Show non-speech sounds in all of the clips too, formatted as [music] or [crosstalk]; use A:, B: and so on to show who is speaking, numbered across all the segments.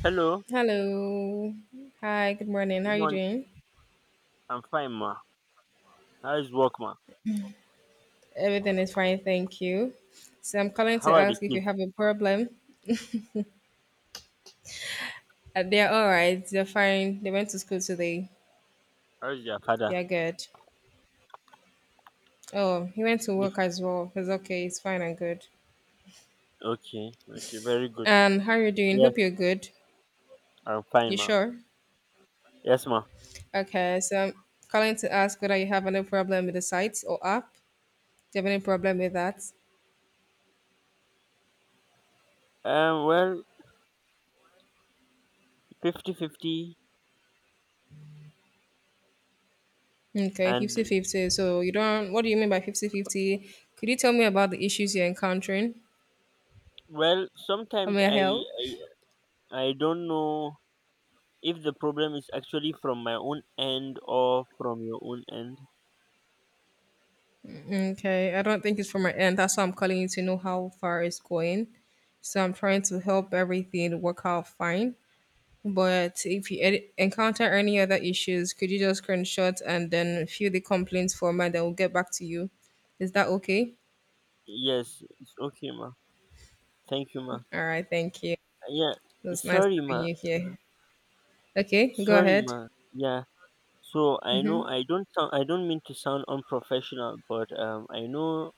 A: Hello,
B: Hello. Hi, good morning. How are
A: good
B: you
A: morning.
B: doing?
A: I'm fine, ma. How is work, ma?
B: Everything is fine, thank you. So I'm calling
A: How
B: to
A: are the
B: ask if you
A: kids?
B: have a problem. They're all right. They're fine. They went to school today.
A: How is your father?
B: They're good. Oh, he went to
A: This
B: work as well. It's okay. It's fine and good.
A: okay, okay, very good.
B: And how are you doing?
A: Yes,
B: Hope you're good.
A: I'm fine,
B: You
A: ma.
B: sure?
A: Yes, ma.
B: Okay, so I'm calling to ask whether you have any problem with the site or app. Do you have any problem with that?
A: Well, 50-50,
B: Okay, fifty
A: and
B: fifty. So you don't, what do you mean by 50 50? Could you tell me about the issues you're encountering?
A: well,
B: May I help?
A: I don't know if the problem is actually from my own end or from your own end.
B: Okay, I don't think it's from my end. That's why I'm calling you to know how far it's going. So I'm trying to help everything work out fine. But if you encounter any other issues, could you just screenshot and then fill the complaints form and then we'll get back to you? Is that okay?
A: Yes, it's okay, ma. Thank you, ma.
B: All right, thank you. It
A: Yeah,
B: was nice
A: sorry,
B: having
A: ma.
B: you here. Okay, go
A: Sorry,
B: ahead.
A: ma. Yeah. So I know I don't mean to sound unprofessional, but I know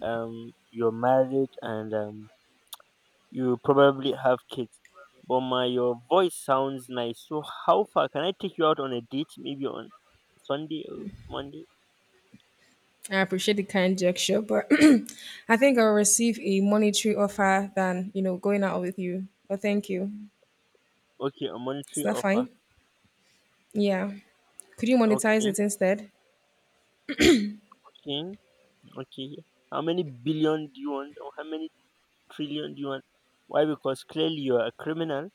A: you're married and you probably have kids. But my your voice sounds nice. So how far can I take you out on a date? Maybe on Sunday or Monday?
B: I appreciate the kind gesture, but [clears throat] I think I'll receive a monetary offer than, going out with you. But thank you.
A: Okay, a
B: Is
A: monetary
B: that
A: offer.
B: fine? Yeah. Could you monetize
A: Okay,
B: it instead?
A: okay, okay. How many billion do you want? Or how many trillion do you want? Why? Because clearly you're a criminal.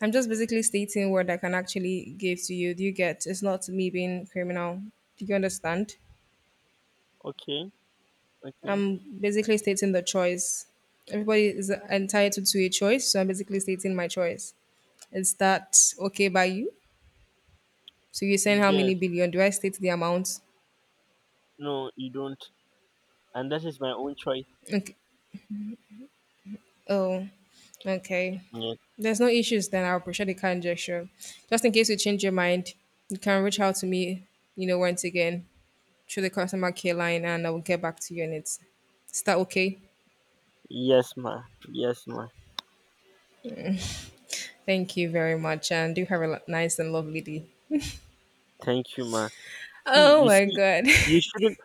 B: I'm just basically stating what I can actually give to you. Do you get? It's not me being criminal. Do you understand?
A: Okay, okay.
B: I'm basically stating the choice. Everybody is entitled to a choice, so I'm basically stating my choice. Is that okay by you? So you're saying how many
A: Yes,
B: billion? Do I state the amount?
A: no, you don't. And that is my own choice.
B: Okay. Oh, okay.
A: Yes,
B: There's no issues then. I'll appreciate the kind gesture. Just in case you change your mind, you can reach out to me, once again through the customer care line and I will get back to you on it. Is that okay?
A: yes, ma. Yes, ma.
B: Thank you very much and do have a nice and lovely day.
A: Thank you, ma. See,
B: Oh
A: you
B: my
A: see,
B: God.
A: you
B: [laughs]
A: shouldn't,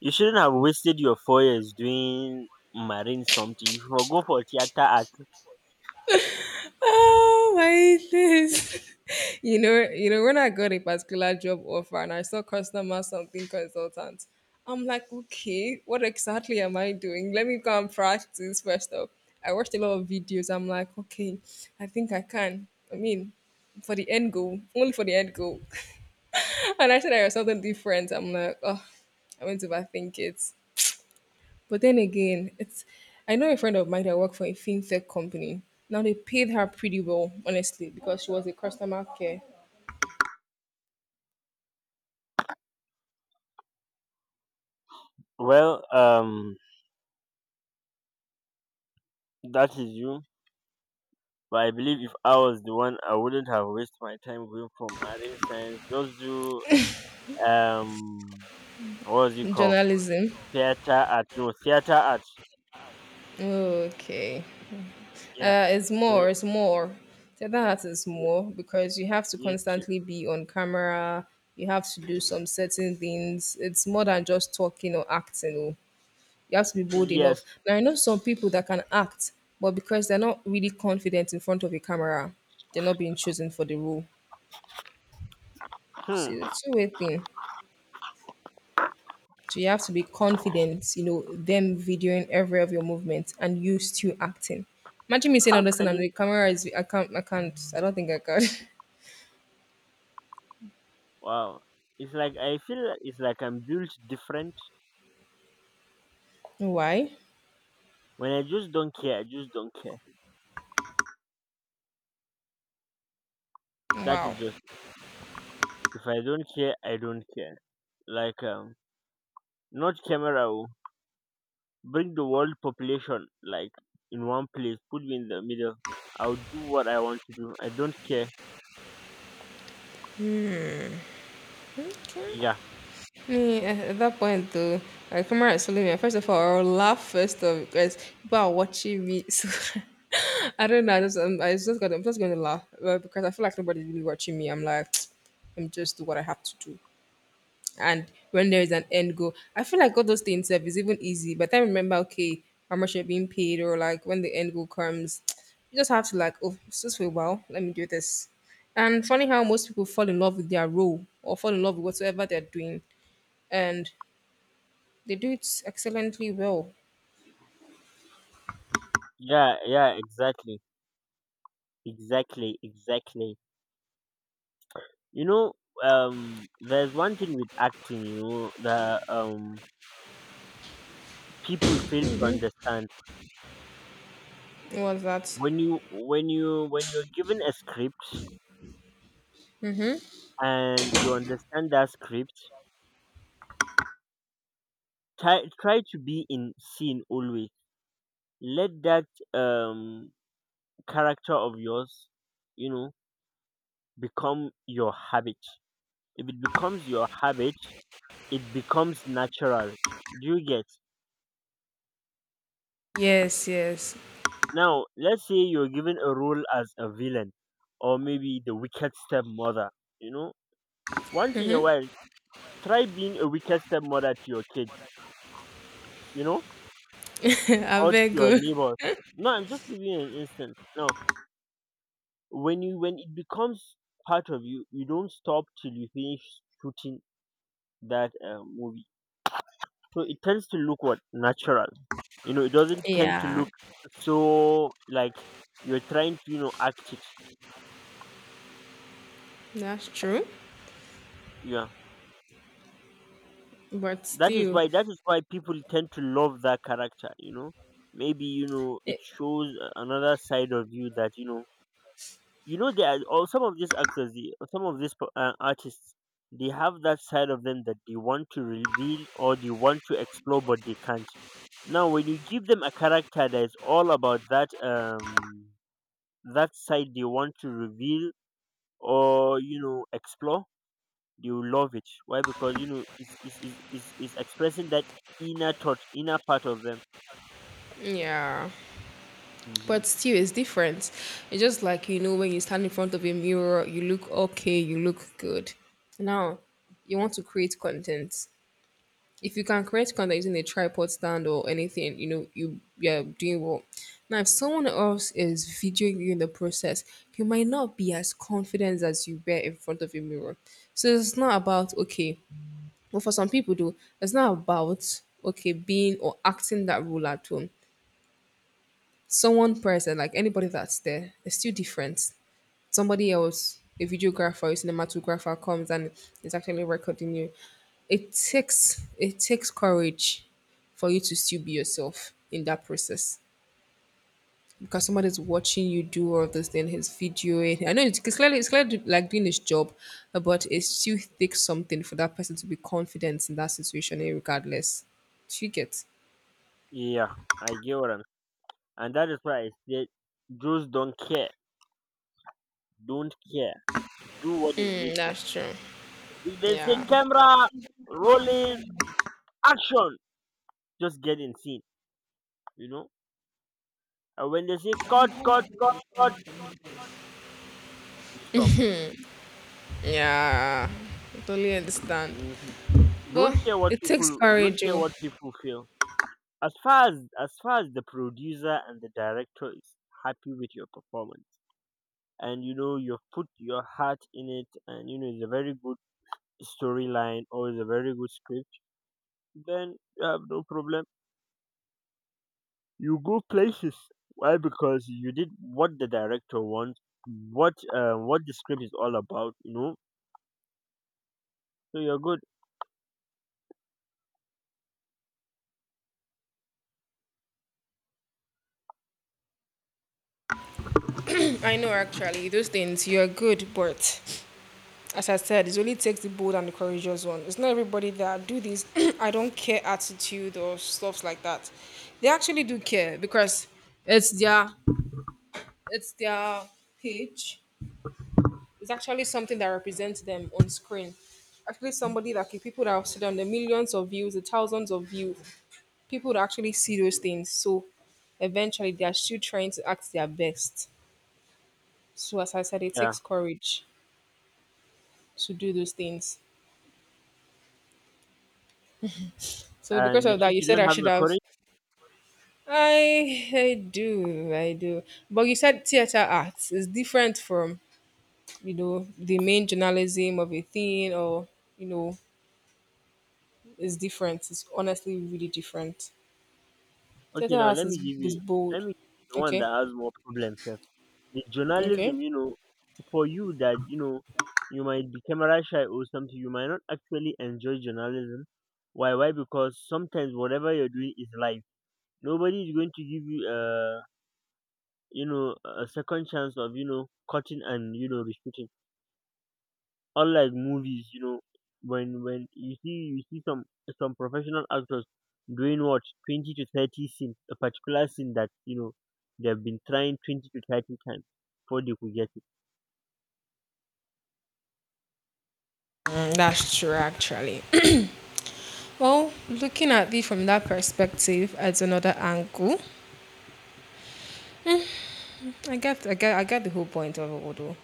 A: you shouldn't have wasted your 4 years doing marine something. You should go for theater art.
B: Oh my days. [laughs] When I got a particular job offer and I saw customer something consultant, I'm like, okay, what exactly am I doing? Let me go and practice first off. I watched a lot of videos. I'm like, okay, I think I can. I mean, for the end goal, only for the end goal. [laughs] And I said I was something different. I'm like, oh, I went to overthink it. But then again, it's I know a friend of mine that worked for a fintech company. Now they paid her pretty well, honestly, because she was a customer care
A: Well, that is you. But I believe if I was the one, I wouldn't have wasted my time going for marine science. Just do um, what was it called?
B: journalism.
A: Theater art. No, Theater art.
B: Okay,
A: Yeah.
B: it's
A: You,
B: more, it's more. So that is
A: you,
B: more because you have to
A: you should-
B: constantly be on camera. You have to do some certain things. It's more than just talking or acting. Oh. You have to be bold enough.
A: yes.
B: Now I know some people that can act, but because they're not really confident in front of a camera, they're not being chosen for the role. So
A: Hmm.
B: it's a two-way thing. So you have to be confident, you know, them videoing every of your movements, and you still acting. Imagine me saying all
A: How
B: this thing
A: can
B: and the
A: you
B: camera is I don't think I can.
A: Wow. It's like I feel it's like I'm built different.
B: [laughs] Why?
A: When I just don't care, I just don't care. That
B: Wow.
A: is just if I don't care, I don't care. Like not camera oh. Bring the world population like in one place, put me in the middle. I'll do what I want to do. I don't care. Yeah.
B: Me eh, at that point though, my camera is following me. First of all, I'll laugh first of because people are watching me. [laughs] So I don't know. I'm just going to laugh because I feel like nobody's really watching me. I'm like, [tsk] I'm just do what I have to do. And when there is an end goal. I feel like all those things self is even easy, but I remember okay how much you're being paid or like when the end goal comes, [tsk] you just have to like oh it's just for a while, let me do this. And funny how most people fall in love with their role or fall in love with whatsoever they're doing, and they do it excellently well.
A: Yeah, yeah, exactly. Exactly, exactly. You know, there's one thing with acting, you know, that people fail to understand
B: What's that?
A: when you when you when you're given a script and you understand that script, try to be in scene always. Let that um character of yours, you know, become your habit. If it becomes your habit, it becomes natural. Do you get?
B: Yes, yes,
A: Now let's say you're given a role as a villain or maybe the wicked stepmother, you know. Once in a while, try being a wicked stepmother to your kids, you know,
B: [laughs] I
A: or to
B: very
A: your
B: good.
A: neighbors. No, I'm just giving you an instance. Now, when it becomes part of you, you don't stop till you finish shooting that movie. So it tends to look what natural. You know, it doesn't tend to
B: Yeah,
A: look so like you're trying to, you know, act it.
B: that's true.
A: Yeah,
B: But still,
A: that is why people tend to love that character. You know, maybe, you know, it
B: it,
A: shows another side of you that you know. You know, there are all some of these actors, some of these artists, they have that side of them that they want to reveal or they want to explore, but they can't. Now when you give them a character that is all about that side they want to reveal or, you know, explore, they will love it. Why? Because, you know, it's expressing that inner thought, inner part of them.
B: yeah.
A: Hmm.
B: But still, it's different. It's just like, you know, when you stand in front of a mirror, you look okay, you look good. Now, you want to create content. If you can create content using a tripod stand or anything, you know, you're doing well. Now, if someone else is videoing you in the process, you might not be as confident as you were in front of a mirror. So it's not about, okay, well, for some people, though, it's not about, okay, being or acting that role at all. So one person, like anybody that's there, is still different. Somebody else, a videographer, or a cinematographer comes and is actually recording you. It takes courage for you to still be yourself in that process because somebody's watching you do all this thing, his video. I know it's clearly like doing his job, but it still takes something for that person to be confident in that situation, eh, regardless. Do you get?
A: Yeah, I get what I'm and that is why I said those don't care, don't care, do what is
B: Mm,
A: needful.
B: that's true.
A: If they say
B: Yeah.
A: camera rolling, action, just get in scene, you know. And when they say cut, cut, cut, cut, we stop.
B: Yeah, I totally understand.
A: Mhm.
B: But it takes
A: Don't
B: courage,
A: care
B: oh.
A: what people feel. As far as the producer and the director is happy with your performance, and you know you've put your heart in it, and you know it's a very good storyline or it's a very good script, then you have no problem. You go places. Why? Because you did what the director wants, what the script is all about. You know, so you're good.
B: [clears throat] I know actually, those things you're good, but as I said, it only takes the bold and the courageous one. It's not everybody that do this [clears throat] I don't care attitude or stuff like that. They actually do care because it's their it's their page. It's actually something that represents them on screen. Actually somebody that can people that have sit on the millions of views, the thousands of views. People would actually see those things. So eventually they are still trying to act their best. So as I said, it
A: Yeah,
B: takes courage to do those things. So
A: and
B: because
A: you
B: of that,
A: think
B: you
A: you
B: said
A: don't
B: I
A: have
B: should
A: the
B: have.
A: courage?
B: I do, But you said theater arts is different from you know the main journalism of a thing or you know it's different. It's honestly really different.
A: Okay,
B: Theater
A: now
B: arts
A: let me
B: is
A: give
B: is
A: you. Let
B: bold.
A: me give you the one
B: Okay.
A: that has more problems. Sef. The journalism,
B: Okay.
A: you know, for you that, you know, you might be camera shy or something. You might not actually enjoy journalism. Why? Why? Because sometimes whatever you're doing is live. Nobody is going to give you you know a second chance of, you know, cutting and, you know, reshooting. Unlike movies, you know, when you see some professional actors doing what 20 to 30 scene a particular scene that, you know, they have been trying 20 to 30 times before they could get it.
B: Mm, that's true, actually. Well, looking at it from that perspective at another angle, I get the whole point of it, though.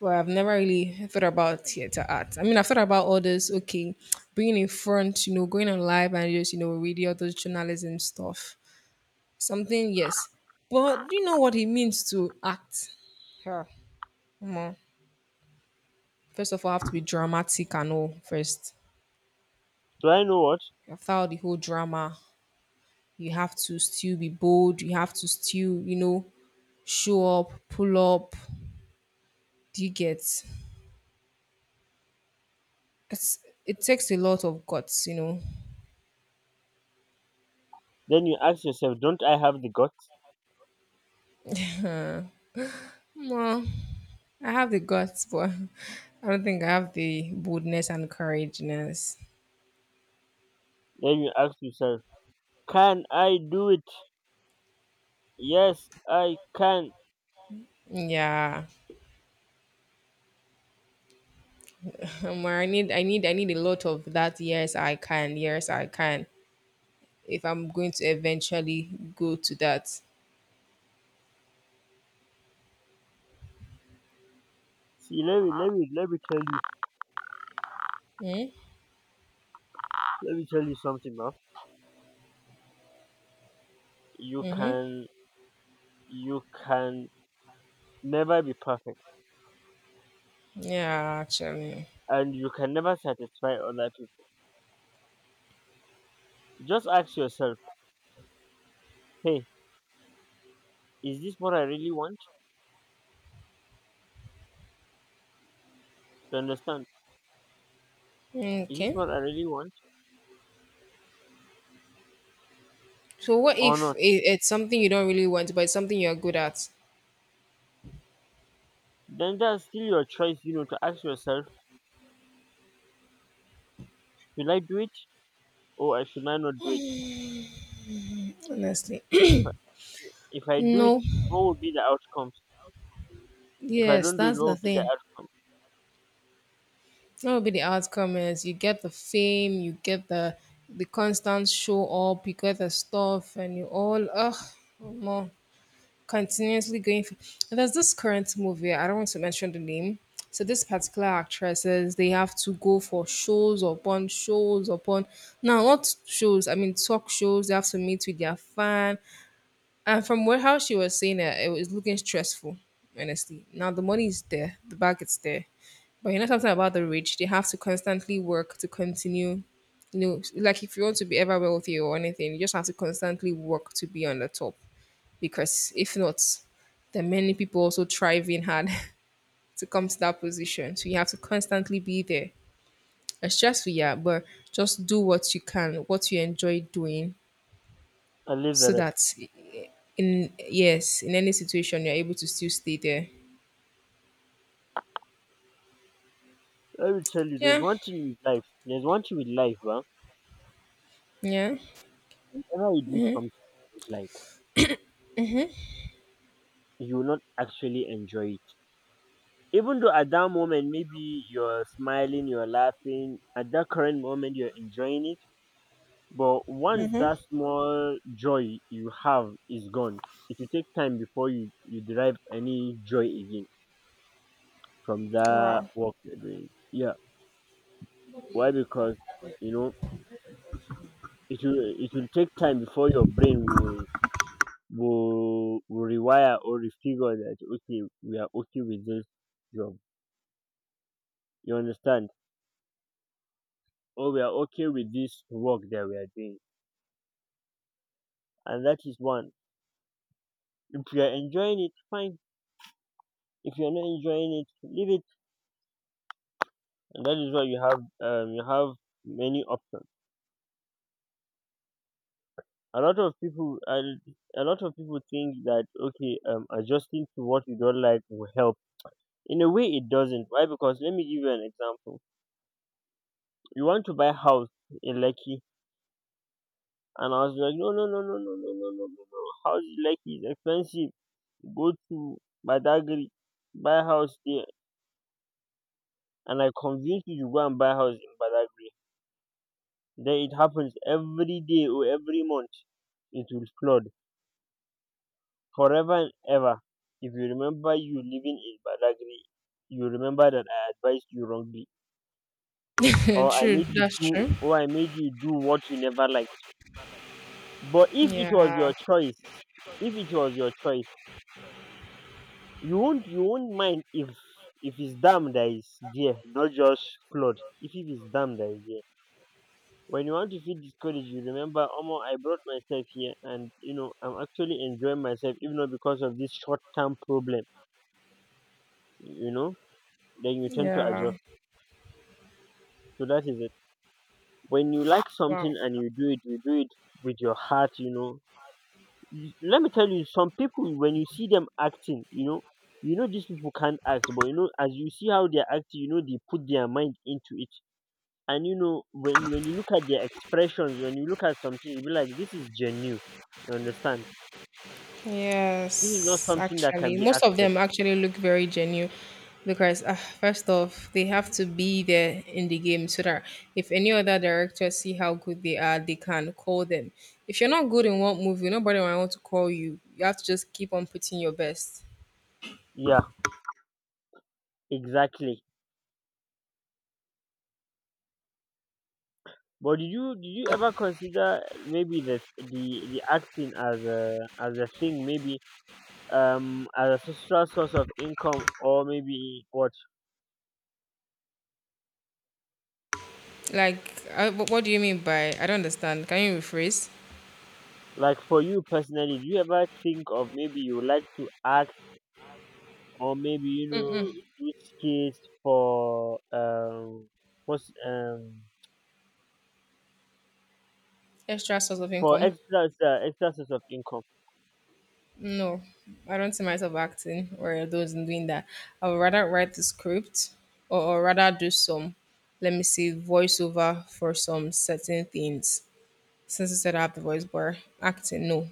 B: But I've never really thought about theater art. I mean, I've thought about all this, okay, being in front, you know, going on live and just, you know, reading all those journalism stuff. Something, yes. But do you know what it means to act? Yeah, Omo. First of all, I have to be dramatic and all first.
A: So I know what
B: After all the whole drama, you have to still be bold you have to still you know show up pull up do you get it's, it takes a lot of guts you know
A: Then you ask yourself, don't I have the guts?
B: well I have the guts but [laughs] I don't think I have the boldness and courageousness
A: Then you ask yourself, can I do it? Yes, I can.
B: yeah I need a lot of that yes I can if I'm going to eventually go to that
A: See let me let me Let me tell you, something, man. you can you can never be perfect,
B: yeah actually
A: and you can never satisfy other people. Just ask yourself, hey, is this what I really want? You understand? Is this
B: okay
A: what I really want
B: so what
A: or
B: if
A: not?
B: it, it's something you don't really want but it's something you're good at
A: Then that's still your choice, you know, to ask yourself, should I do it or I should I not do it?
B: honestly.
A: If
B: [clears throat]
A: I, if I do it,
B: No,
A: what will be the outcomes? If I
B: yes,
A: don't do it,
B: that's
A: what
B: the
A: will be the
B: thing.
A: outcome?
B: That will be the outcome is you get the fame, you get the constant show up, you get the stuff, and you all ugh more continuously going. For, and there's this current movie. I don't want to mention the name. So this particular actresses, they have to go for shows upon shows upon. Now not shows. I mean talk shows. They have to meet with their fan. And from what how she was saying it, it was looking stressful, honestly. Now the money is there, the bag is there. But you know something about the rich, they have to constantly work to continue. You know, like if you want to be ever wealthy or anything, you just have to constantly work to be on the top. Because if not, there are many people also thriving hard [laughs] to come to that position. So you have to constantly be there. It's stressful, yeah, but just do what you can, what you enjoy doing,
A: And leave the
B: so
A: rest.
B: that in yes, in any situation you're able to still stay there.
A: I will tell you, there's
B: Yeah.
A: one thing with life. But
B: Yeah.
A: whenever you do something you don't like, you will not actually enjoy it. Even though at that moment maybe you're smiling, you're laughing, at that current moment you're enjoying it, but once that small joy you have is gone, it will take time before you derive any joy again from that
B: Wow.
A: work you're doing. Yeah. Why? Because, you know, it will take time before your brain will rewire or refigure that okay, we are okay with this job, you understand, or we are okay with this work that we are doing. And that is one. If you are enjoying it, fine. If you are not enjoying it, leave it. And that is why you have many options. A lot of a lot of people think that okay, adjusting to what you don't like will help. In a way, it doesn't. Why? Because let me give you an example. You want to buy house in Lekki, and I was like, no no no no no no no no no no. House in Lekki is expensive. Go to Badagry, buy house there, and I convinced you to go and buy house in Badagry. Then it happens every day or every month. It will flood forever and ever. If you remember you living in Badagry, you remember that I advised you wrongly.
B: [laughs] True. That's true.
A: Or I made you do what you never liked. But if it was
B: Yeah.
A: your choice, if it was your choice, you won't mind if it's dam that is there, not just flood. If it is dam that is there, when you want to feel discouraged, you remember, omo, I brought myself here and, you know, I'm actually enjoying myself if not because of this short term problem, you know. Then you tend to
B: Yeah.
A: adjust. So that is it: when you like
B: Wow.
A: something and you do it, you do it with your heart, you know. Let me tell you, some people, when you see them acting, you know, you know these people can't act, but, you know, as you see how they're acting, you know they put their mind into it. And you know when you look at their expressions, when you look at something, you be like, this is genuine. You understand? This is not
B: Yes.
A: something that
B: Actually,
A: can be
B: most of
A: acted.
B: them actually look very genuine because first off, they have to be there in the game so that if any other director see how good they are, they can call them. If you're not good in one movie, nobody will want to call you. You have to just keep on putting your best.
A: Yeah, exactly. But did you ever consider maybe the acting as a thing, maybe as a social source of income, or maybe what?
B: Like, what do you mean by I don't understand? Can you rephrase?
A: Like for you personally, do you ever think of maybe you would like to act, or maybe, you know, do skits for what's
B: Extra source of
A: for
B: income?
A: extra source of income?
B: No, I don't see myself acting or those in doing that. I would rather write the script or rather do some, let me see, voiceover for some certain things. Since I said I have the voice bar, acting, no,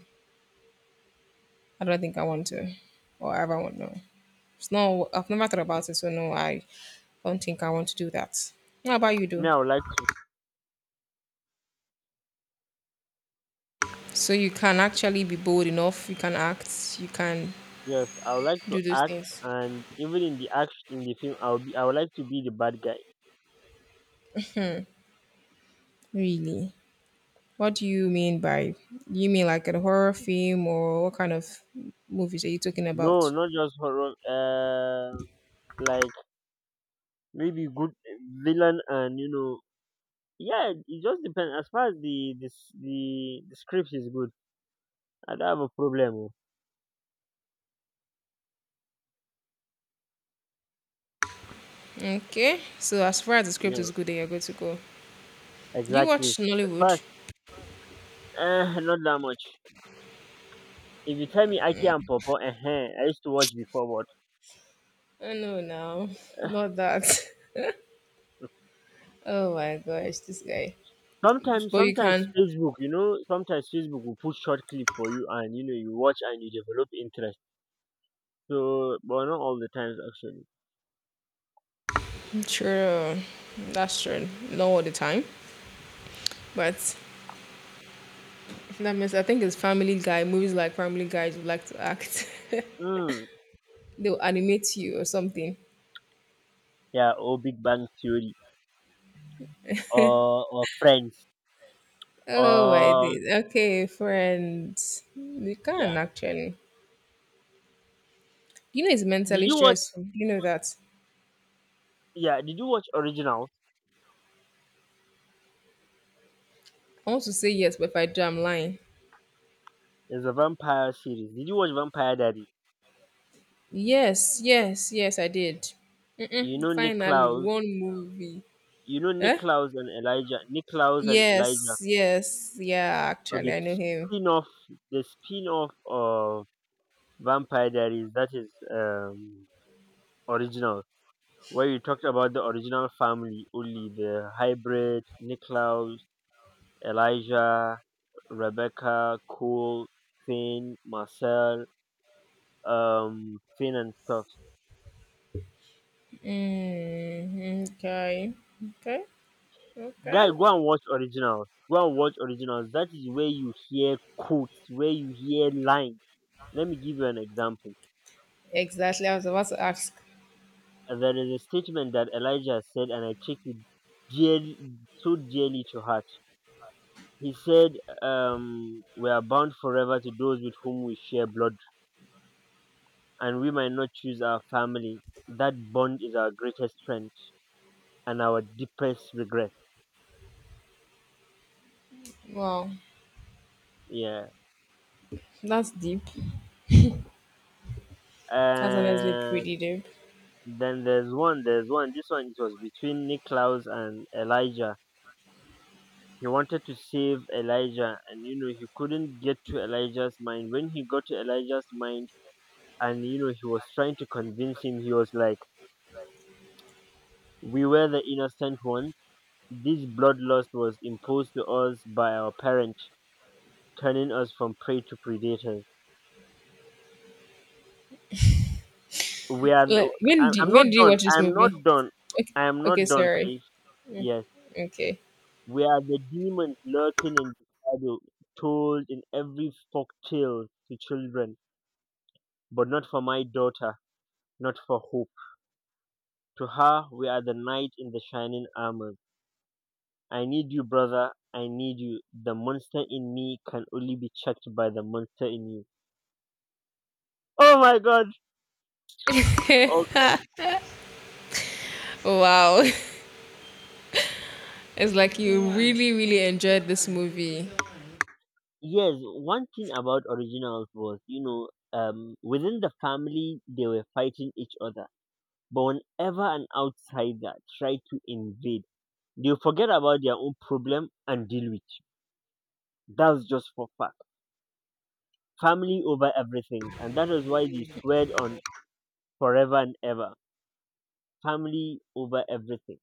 B: I don't think I want to or ever want to. It's not, I've never thought about it, so no, I don't think I want to do that. How about you, do?
A: Now, I would like
B: So you can actually be bold enough, you can act, you can
A: Yes, I would like to
B: do those
A: act,
B: things.
A: and even in the act in the film, I would like to be the bad guy.
B: Really? What do you mean by? You mean like a horror film or what kind of movies are you talking
A: No,
B: about?
A: not just horror. Like maybe good eh, villain, and, you know, yeah, it just depends. As far as the script is good, I don't have a problem. Oh.
B: Okay, so as far as the script
A: Yeah,
B: is good, then you're good to go. Do you
A: exactly.
B: watch
A: As far as,
B: Nollywood?
A: [laughs] not that much. If you tell me Aki and Popo, I used to watch before,
B: Oh, no, now.
A: but
B: Not that. [laughs] Oh my gosh, this guy.
A: sometimes
B: But you
A: sometimes
B: can.
A: facebook, you know, sometimes facebook will put short clip for you and you know you watch and you develop interest. So but not all the times actually.
B: True, that's true. Not all the time, but if that means I think it's Family Guy. Movies like Family Guys would like to act. [laughs]
A: Mm,
B: They'll animate you or something.
A: yeah, or big bang theory, or friends,
B: Oh, I
A: or
B: did. Okay, friends. You
A: yeah.
B: can actually. You know, it's
A: did
B: mentally
A: you watch
B: stressful. You know that.
A: Yeah, did you watch original?
B: I want to say yes, but if I do, I'm lying.
A: There's a vampire series. Did you watch vampire diaries?
B: Yes, yes, yes, I did.
A: You know
B: Finally,
A: Nicklaus.
B: one movie.
A: You know
B: Eh?
A: Nicklaus and elijah, Nicklaus and elijah.
B: Yes, yes, yeah,
A: So
B: actually,
A: the
B: I know him.
A: spin-off, the spin-off of vampire diaries, that is original, where you talked about the original family only, the hybrid, Nicholas, Elijah, Rebecca, Cole, Finn, Marcel, Finn and stuff.
B: Mm, okay, okay, okay.
A: Guy, go and watch originals. Go and watch originals. That is where you hear quotes, where you hear lines. Let me give you an example.
B: Exactly, I was about to ask.
A: There is a statement that Elijah said, and I take it dearly, so dearly to heart. He said, "We are bound forever to those with whom we share blood, and we might not choose our family, that bond is our greatest strength and our deepest regret."
B: Wow,
A: Yeah.
B: that's deep. That's honestly
A: And
B: pretty deep.
A: then there's one. This one, it was between Niklaus and Elijah. He wanted to save Elijah, and you know he couldn't get to Elijah's mind. When he got to Elijah's mind and you know he was trying to convince him, he was like, "We were the innocent ones. This blood loss was imposed to us by our parent, turning us from prey to predators. We are
B: Like,
A: I'm not
B: when do you
A: done
B: watch this
A: I'm not
B: movie?
A: done
B: Okay,
A: I'm
B: okay,
A: not done
B: sorry.
A: please yes
B: Okay.
A: we are the demons lurking in the shadow, told in every folk tale to children, but not for my daughter, not for hope. To her we are the knight in the shining armor. I need you brother, I need you. The monster in me can only be checked by the monster in you." Oh my god. Oh,
B: [laughs] Wow. [laughs] It's like you really, really enjoyed this movie.
A: yes, one thing about originals was, you know, within the family they were fighting each other, but whenever an outsider tried to invade, they forget about their own problem and deal with you. That's just for fact. Family over everything. And that is why they swear on forever and ever. Family over everything.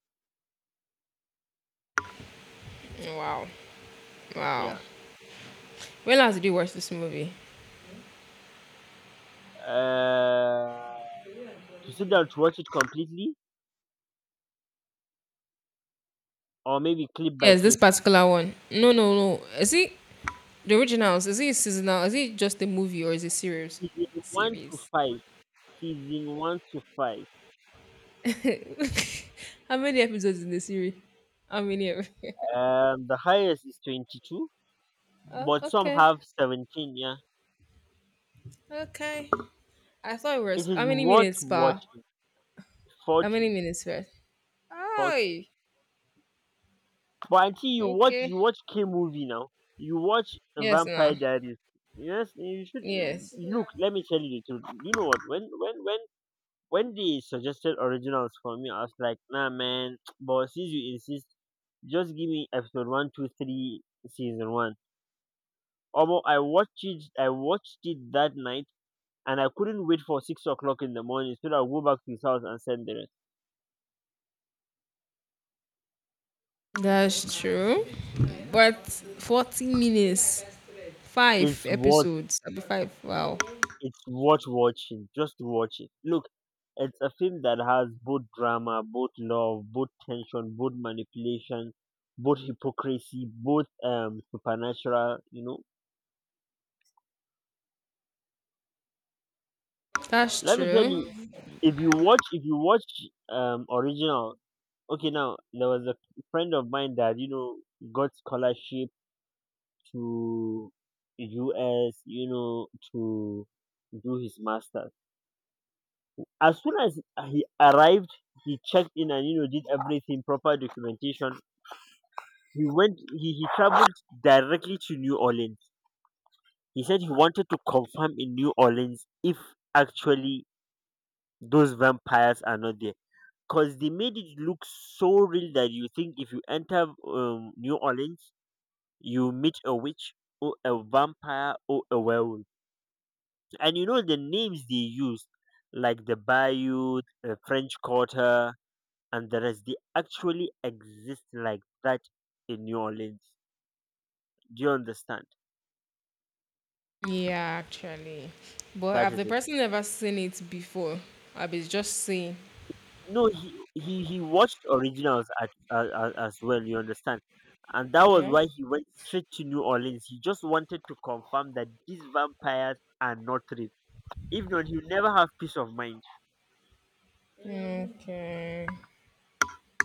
B: Wow. Wow.
A: Yeah.
B: When last did you watch this movie?
A: Uh, to sit down to watch it completely, or maybe clip by
B: Yes, this
A: clip.
B: particular one. No, no, no. Is it the originals? Is it seasonal? Is it just a movie or is it series?
A: Season 1 to
B: Series.
A: 5. Season 1 to 5.
B: [laughs] How many episodes in the series? How many? [laughs]
A: The highest is 22,
B: Oh,
A: but some
B: okay.
A: have 17. Yeah,
B: Okay. I thought it
A: it
B: was how
A: is
B: many
A: worth
B: minutes per?
A: watching.
B: How many
A: 40,
B: minutes first?
A: 40.
B: Oh,
A: But until
B: okay.
A: you watch K movie now. You watch
B: Yes,
A: Vampire
B: now.
A: Diaries. Yes, you should
B: Yes.
A: look. Let me tell you the truth. You know what? When they suggested originals for me, I was like, nah, man. [tsk] But since you insist, just give me episode one, two, three, season one. Although I watched it that night, and I couldn't wait for 6 o'clock in the morning so that I'll go back to his house and send the rest.
B: That's true. But 40 minutes, five
A: It's worth
B: episodes, that'd be five. Wow,
A: it's worth watching. Just watch it. Look, it's a film that has both drama, both love, both tension, both manipulation, both hypocrisy, both supernatural, you know.
B: that's
A: Let me tell you,
B: true.
A: if you watch original. Okay, now there was a friend of mine that, you know, got scholarship to US, you know, to do his master's. As soon as he arrived, he checked in and you know did everything, proper documentation. He traveled directly to New Orleans. He said he wanted to confirm in New Orleans if actually those vampires are not there. Because they made it look so real that you think if you enter New Orleans, you meet a witch or a vampire or a werewolf. And you know the names they use, like the Bayou, the French Quarter, and the rest, they actually exist like that in New Orleans. Do you understand?
B: Yeah, actually. But
A: That
B: have the
A: is it.
B: person never seen it before? I be just saying.
A: No, he watched originals at, as well. You understand? And that was
B: Yeah.
A: why he went straight to New Orleans. He just wanted to confirm that these vampires are not real. If not, he'll never have peace of mind.
B: Okay.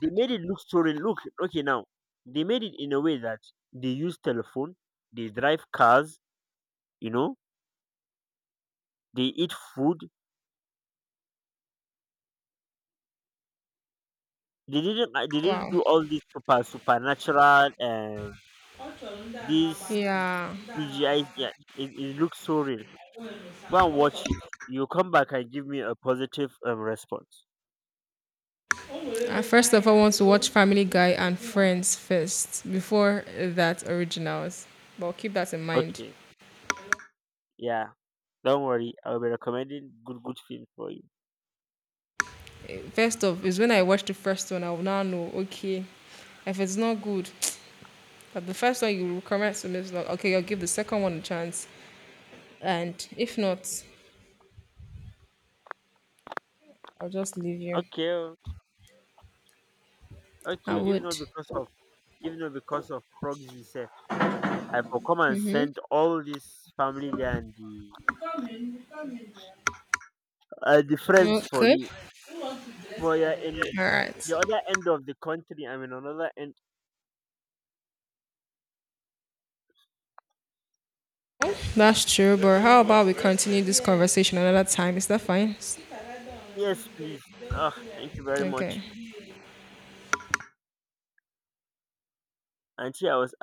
A: They made it look so real. Look, okay, now they made it in a way that they use telephone, they drive cars, you know, they eat food. They didn't
B: Wow.
A: do all these supernatural. These
B: Yeah.
A: CGI. Yeah, it looks so real. Go and watch it. You come back and give me a positive response.
B: I first of all want to watch Family Guy and Friends first before that originals. But keep that in mind.
A: Okay. Yeah. Don't worry. I'll be recommending good film for you.
B: Eh, first off, is when I watch the first one, I will now know. Okay, if it's not good, but the first one you recommend to me is not okay. I'll give the second one a chance, and if not, I'll just leave you.
A: Okay. Oh,
B: I
A: Okay. Even
B: would.
A: though because of proxy. I for come and send all this family there and the friends for
B: Okay.
A: you. But you're in
B: All right.
A: the other end of the country. I'm in another end.
B: That's true. But how about we continue this conversation another time? Is that fine?
A: Yes, please. Ah, thank you very much.
B: Okay.
A: Auntie, I was